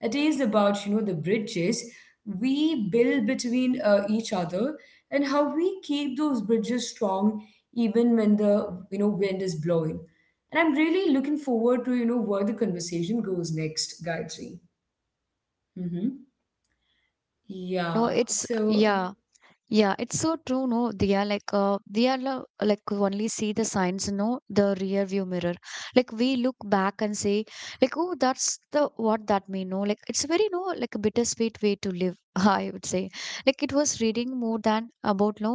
It is about you know the bridges we build between uh, each other and how we keep those bridges strong even when the you know wind is blowing. And I'm really looking forward to you know where the conversation goes next, Gayatri. hmm you know Yeah. it's So. yeah. Yeah, it's so true, no? They are like, uh, they are lo- like only see the signs, no? The rear view mirror. Like we look back and say, like, oh, that's the what that mean, no? Like it's very, no, like a bittersweet way to live, I would say. Like it was reading more than about, no,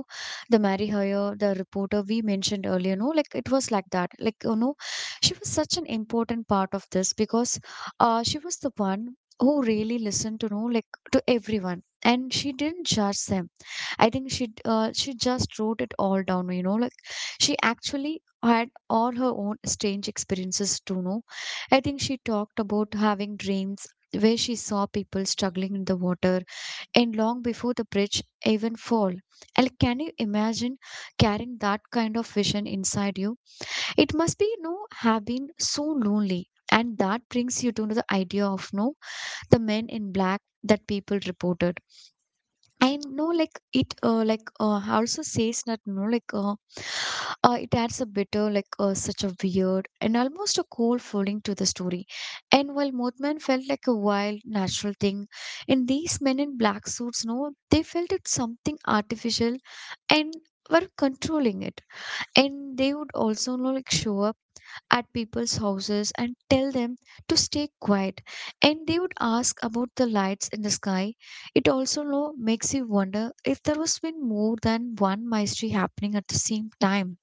the Mary Hoyer, the reporter we mentioned earlier, no? Like it was like that. Like, you know, she was such an important part of this because, uh, she was the one who really listened to, no, like to everyone, and she didn't judge them. I think she d- uh, she just wrote it all down. You know, like she actually had all her own strange experiences to know. I think she talked about having dreams where she saw people struggling in the water and long before the bridge even fall. And can you imagine carrying that kind of vision inside you? It must be no have been so lonely. And that brings you to the idea of no the men in black that people reported. I know, like it, uh, like uh, also says that no, like uh, uh, it adds a bitter, like uh, such a weird and almost a cold feeling to the story. And while Mothman felt like a wild, natural thing, in these men in black suits, no, they felt it something artificial and were controlling it, and they would also know, like show up at people's houses and tell them to stay quiet, and they would ask about the lights in the sky. It also know, makes you wonder if there was been more than one mystery happening at the same time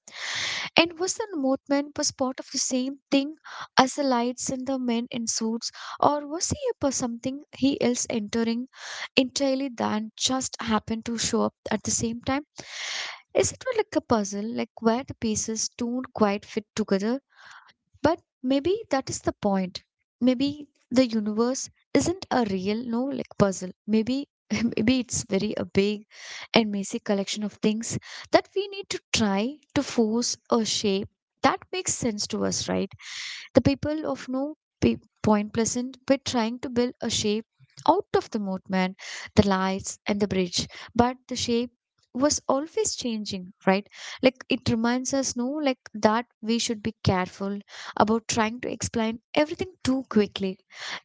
and was the movement was part of the same thing as the lights and the men in suits, or was he a per- something he else entering entirely than just happen to show up at the same time. Is it like a puzzle, like where the pieces don't quite fit together but maybe that is the point. Maybe the universe isn't a real, no, like puzzle. Maybe maybe it's very a big and messy collection of things that we need to try to force a shape that makes sense to us, right? The people of no P- Point Pleasant were trying to build a shape out of the moatman, the lights, and the bridge, but the shape was always changing, right? Like it reminds us, no, like that we should be careful about trying to explain everything too quickly.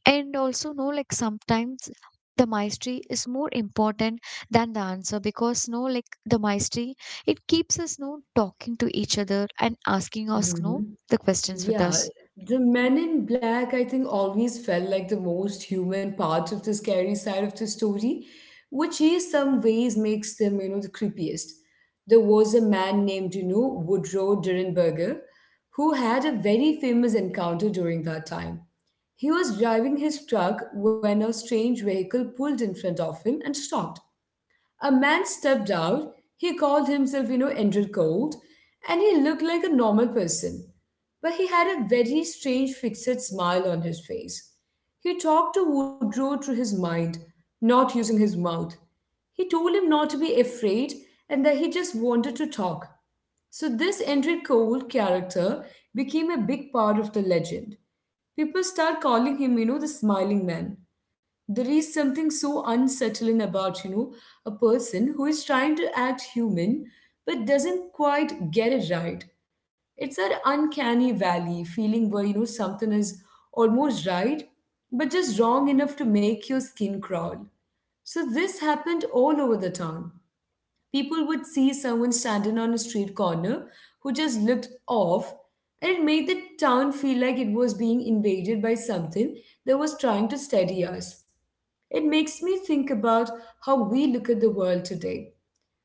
And also, no, like sometimes the mastery is more important than the answer, because no like the mastery it keeps us no talking to each other and asking us no Mhm. the questions with Yeah, us. the men in black, I think, always felt like the most human part of the scary side of the story, which is some ways makes them, you know, the creepiest. There was a man named, you know, Woodrow Durenberger, who had a very famous encounter during that time. He was driving his truck when a strange vehicle pulled in front of him and stopped. A man stepped out. He called himself, you know, Andrew Gold, and he looked like a normal person. But he had a very strange fixed smile on his face. He talked to Woodrow through his mind, not using his mouth. He told him not to be afraid and that he just wanted to talk. So, this Enric Cole character became a big part of the legend. People start calling him, you know, the smiling man. There is something so unsettling about, you know, a person who is trying to act human but doesn't quite get it right. It's that uncanny valley feeling where, you know, something is almost right but just wrong enough to make your skin crawl. So, this happened all over the town. People would see someone standing on a street corner who just looked off, and it made the town feel like it was being invaded by something that was trying to steady us. It makes me think about how we look at the world today.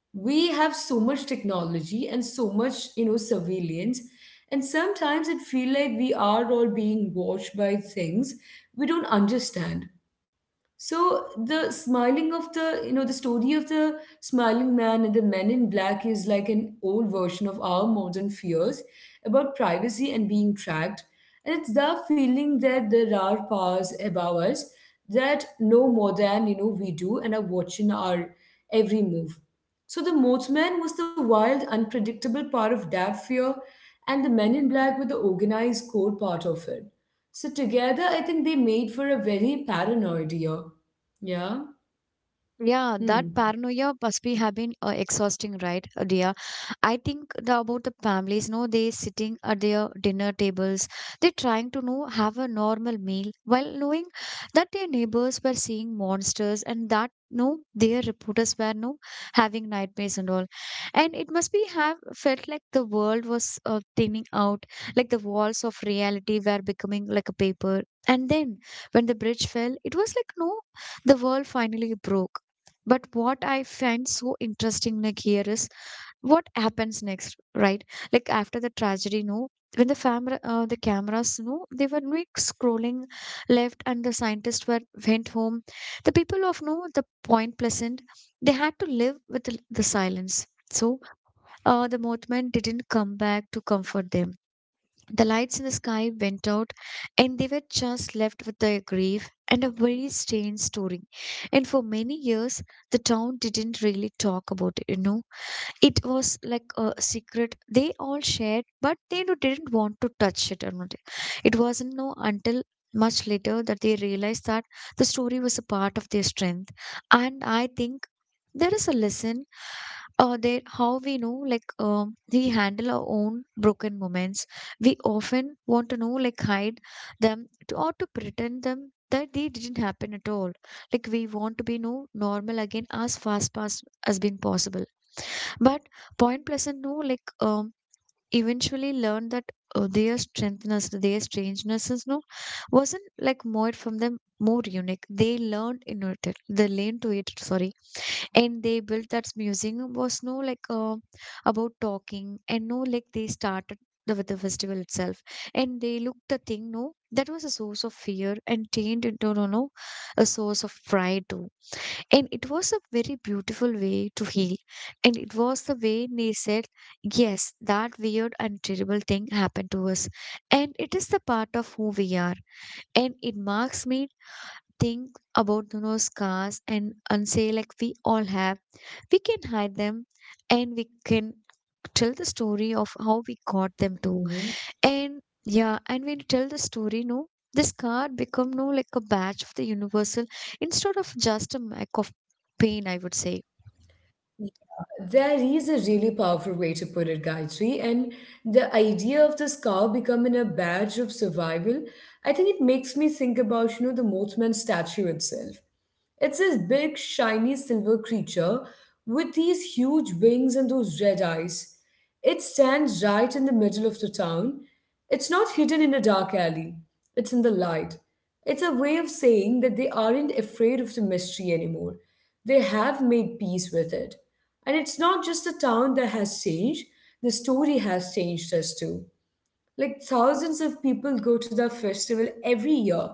We have so much technology and so much, you know, surveillance, and sometimes it feels like we are all being watched by things we don't understand. So the smiling of the, you know, the story of the smiling man and the men in black is like an old version of our modern fears about privacy and being tracked. And it's the feeling that there are powers above us that know more than, you know, we do and are watching our every move. So the Mothman was the wild, unpredictable part of that fear, and the men in black were the organized core part of it. So together, I think they made for a very paranoid year. Yeah. Yeah, that Hmm. paranoia must be have been uh, exhausting, right, uh, dear? I think the, about the families, no, they sitting at their dinner tables, they trying to know have a normal meal while knowing that their neighbors were seeing monsters and that no, their reporters were no having nightmares and all, and it must be have felt like the world was uh, thinning out, like the walls of reality were becoming like a paper. And then when the bridge fell, it was like no, the world finally broke. But what I find so interesting like here is what happens next, right? Like after the tragedy, no, when the family, uh, the cameras, no, they were like scrolling left, and the scientists were went home. The people of no, the Point Pleasant, they had to live with the, the silence. So, uh, the mothman didn't come back to comfort them, the lights in the sky went out, and they were just left with their grief and a very strange story. And for many years, the town didn't really talk about it, you know it was like a secret they all shared but they no- didn't want to touch it or not. It wasn't no until much later that they realized that the story was a part of their strength. And I think there is a lesson uh, there how we know like um we handle our own broken moments. We often want to know like hide them to, or to pretend them that they didn't happen at all, like we want to be no normal again as fast past as been possible. But Point Pleasant, no, like um, eventually learned that uh, their strengthness, their strangenesses, no, wasn't like more from them more unique. They learned in it, they learned to it, sorry, and they built that museum was no like uh, about talking and no like they started. The, with the festival itself, and they looked the thing no that was a source of fear and turned into no no a source of pride too, and it was a very beautiful way to heal. And it was the way they said, yes, that weird and terrible thing happened to us. And it is the part of who we are. And it marks me think about you know, scars and, and say, like, we all have. We can hide them, and we can tell the story of how we got them too. Hmm. And yeah, and when you tell the story, no, this card become no like a badge of the universal instead of just a mark of pain, I would say. There is a really powerful way to put it, Gayatri. And the idea of the scar becoming a badge of survival, I think it makes me think about, you know, the Mothman statue itself. It's this big, shiny silver creature with these huge wings and those red eyes. It stands right in the middle of the town. It's not hidden in a dark alley, it's in the light. It's a way of saying that they aren't afraid of the mystery anymore. They have made peace with it. And it's not just the town that has changed, the story has changed us too. Like thousands of people go to the festival every year.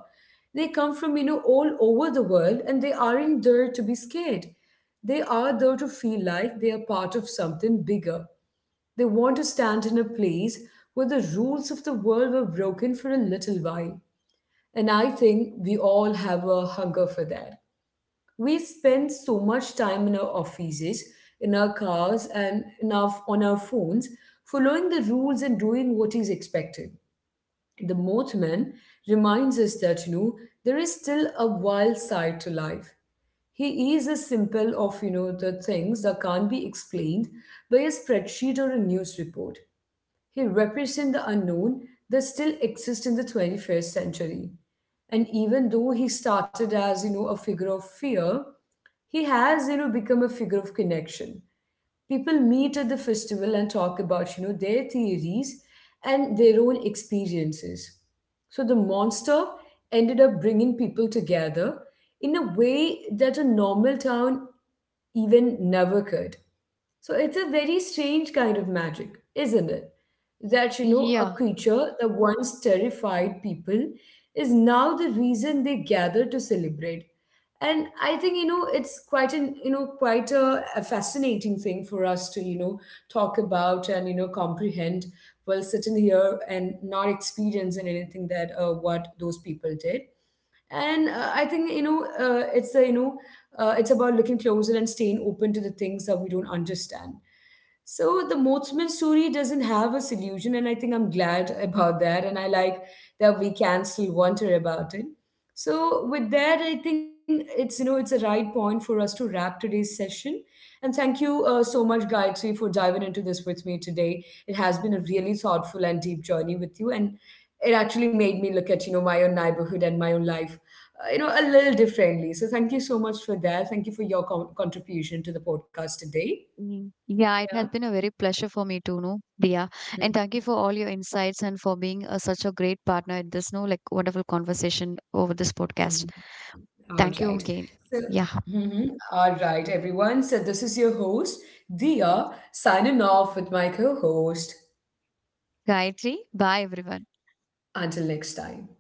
They come from, you know, all over the world and they aren't there to be scared. They are there to feel like they are part of something bigger. They want to stand in a place where the rules of the world were broken for a little while. And I think we all have a hunger for that. We spend so much time in our offices, in our cars, and in our, on our phones, following the rules and doing what is expected. The Mothman reminds us that, you know, there is still a wild side to life. He is a simple of, you know, the things that can't be explained by a spreadsheet or a news report. He represents the unknown that still exists in the twenty-first century. And even though he started as, you know, a figure of fear, he has, you know, become a figure of connection. People meet at the festival and talk about you know their theories and their own experiences. So the monster ended up bringing people together in a way that a normal town even never could. So it's a very strange kind of magic, isn't it? That, you know, a Yeah. creature that once terrified people is now the reason they gather to celebrate. And I think, you know, it's quite an, you know, quite a, a fascinating thing for us to, you know, talk about and, you know, comprehend while sitting here and not experiencing anything that uh, what those people did. And uh, I think you know uh, it's the you know uh, it's about looking closer and staying open to the things that we don't understand. So the Mothman story doesn't have a solution, and I think I'm glad about that. And I like that we can still wonder about it. So with that, I think it's you know it's a right point for us to wrap today's session. And thank you uh, so much, Gayatri, for diving into this with me today. It has been a really thoughtful and deep journey with you, and it actually made me look at you know my own neighborhood and my own life, uh, you know, a little differently. So thank you so much for that. Thank you for your con- contribution to the podcast today. Mm, yeah, it has been a very pleasure for me too, no, Dia. Yeah. And thank you for all your insights and for being uh, such a great partner in this, no, like wonderful conversation over this podcast. Mhm. All Thank you right. again. So. Yeah. Mhm. All right, everyone. So, this is your host, Dia, signing off with my co host. Gayatri, bye everyone. Until next time.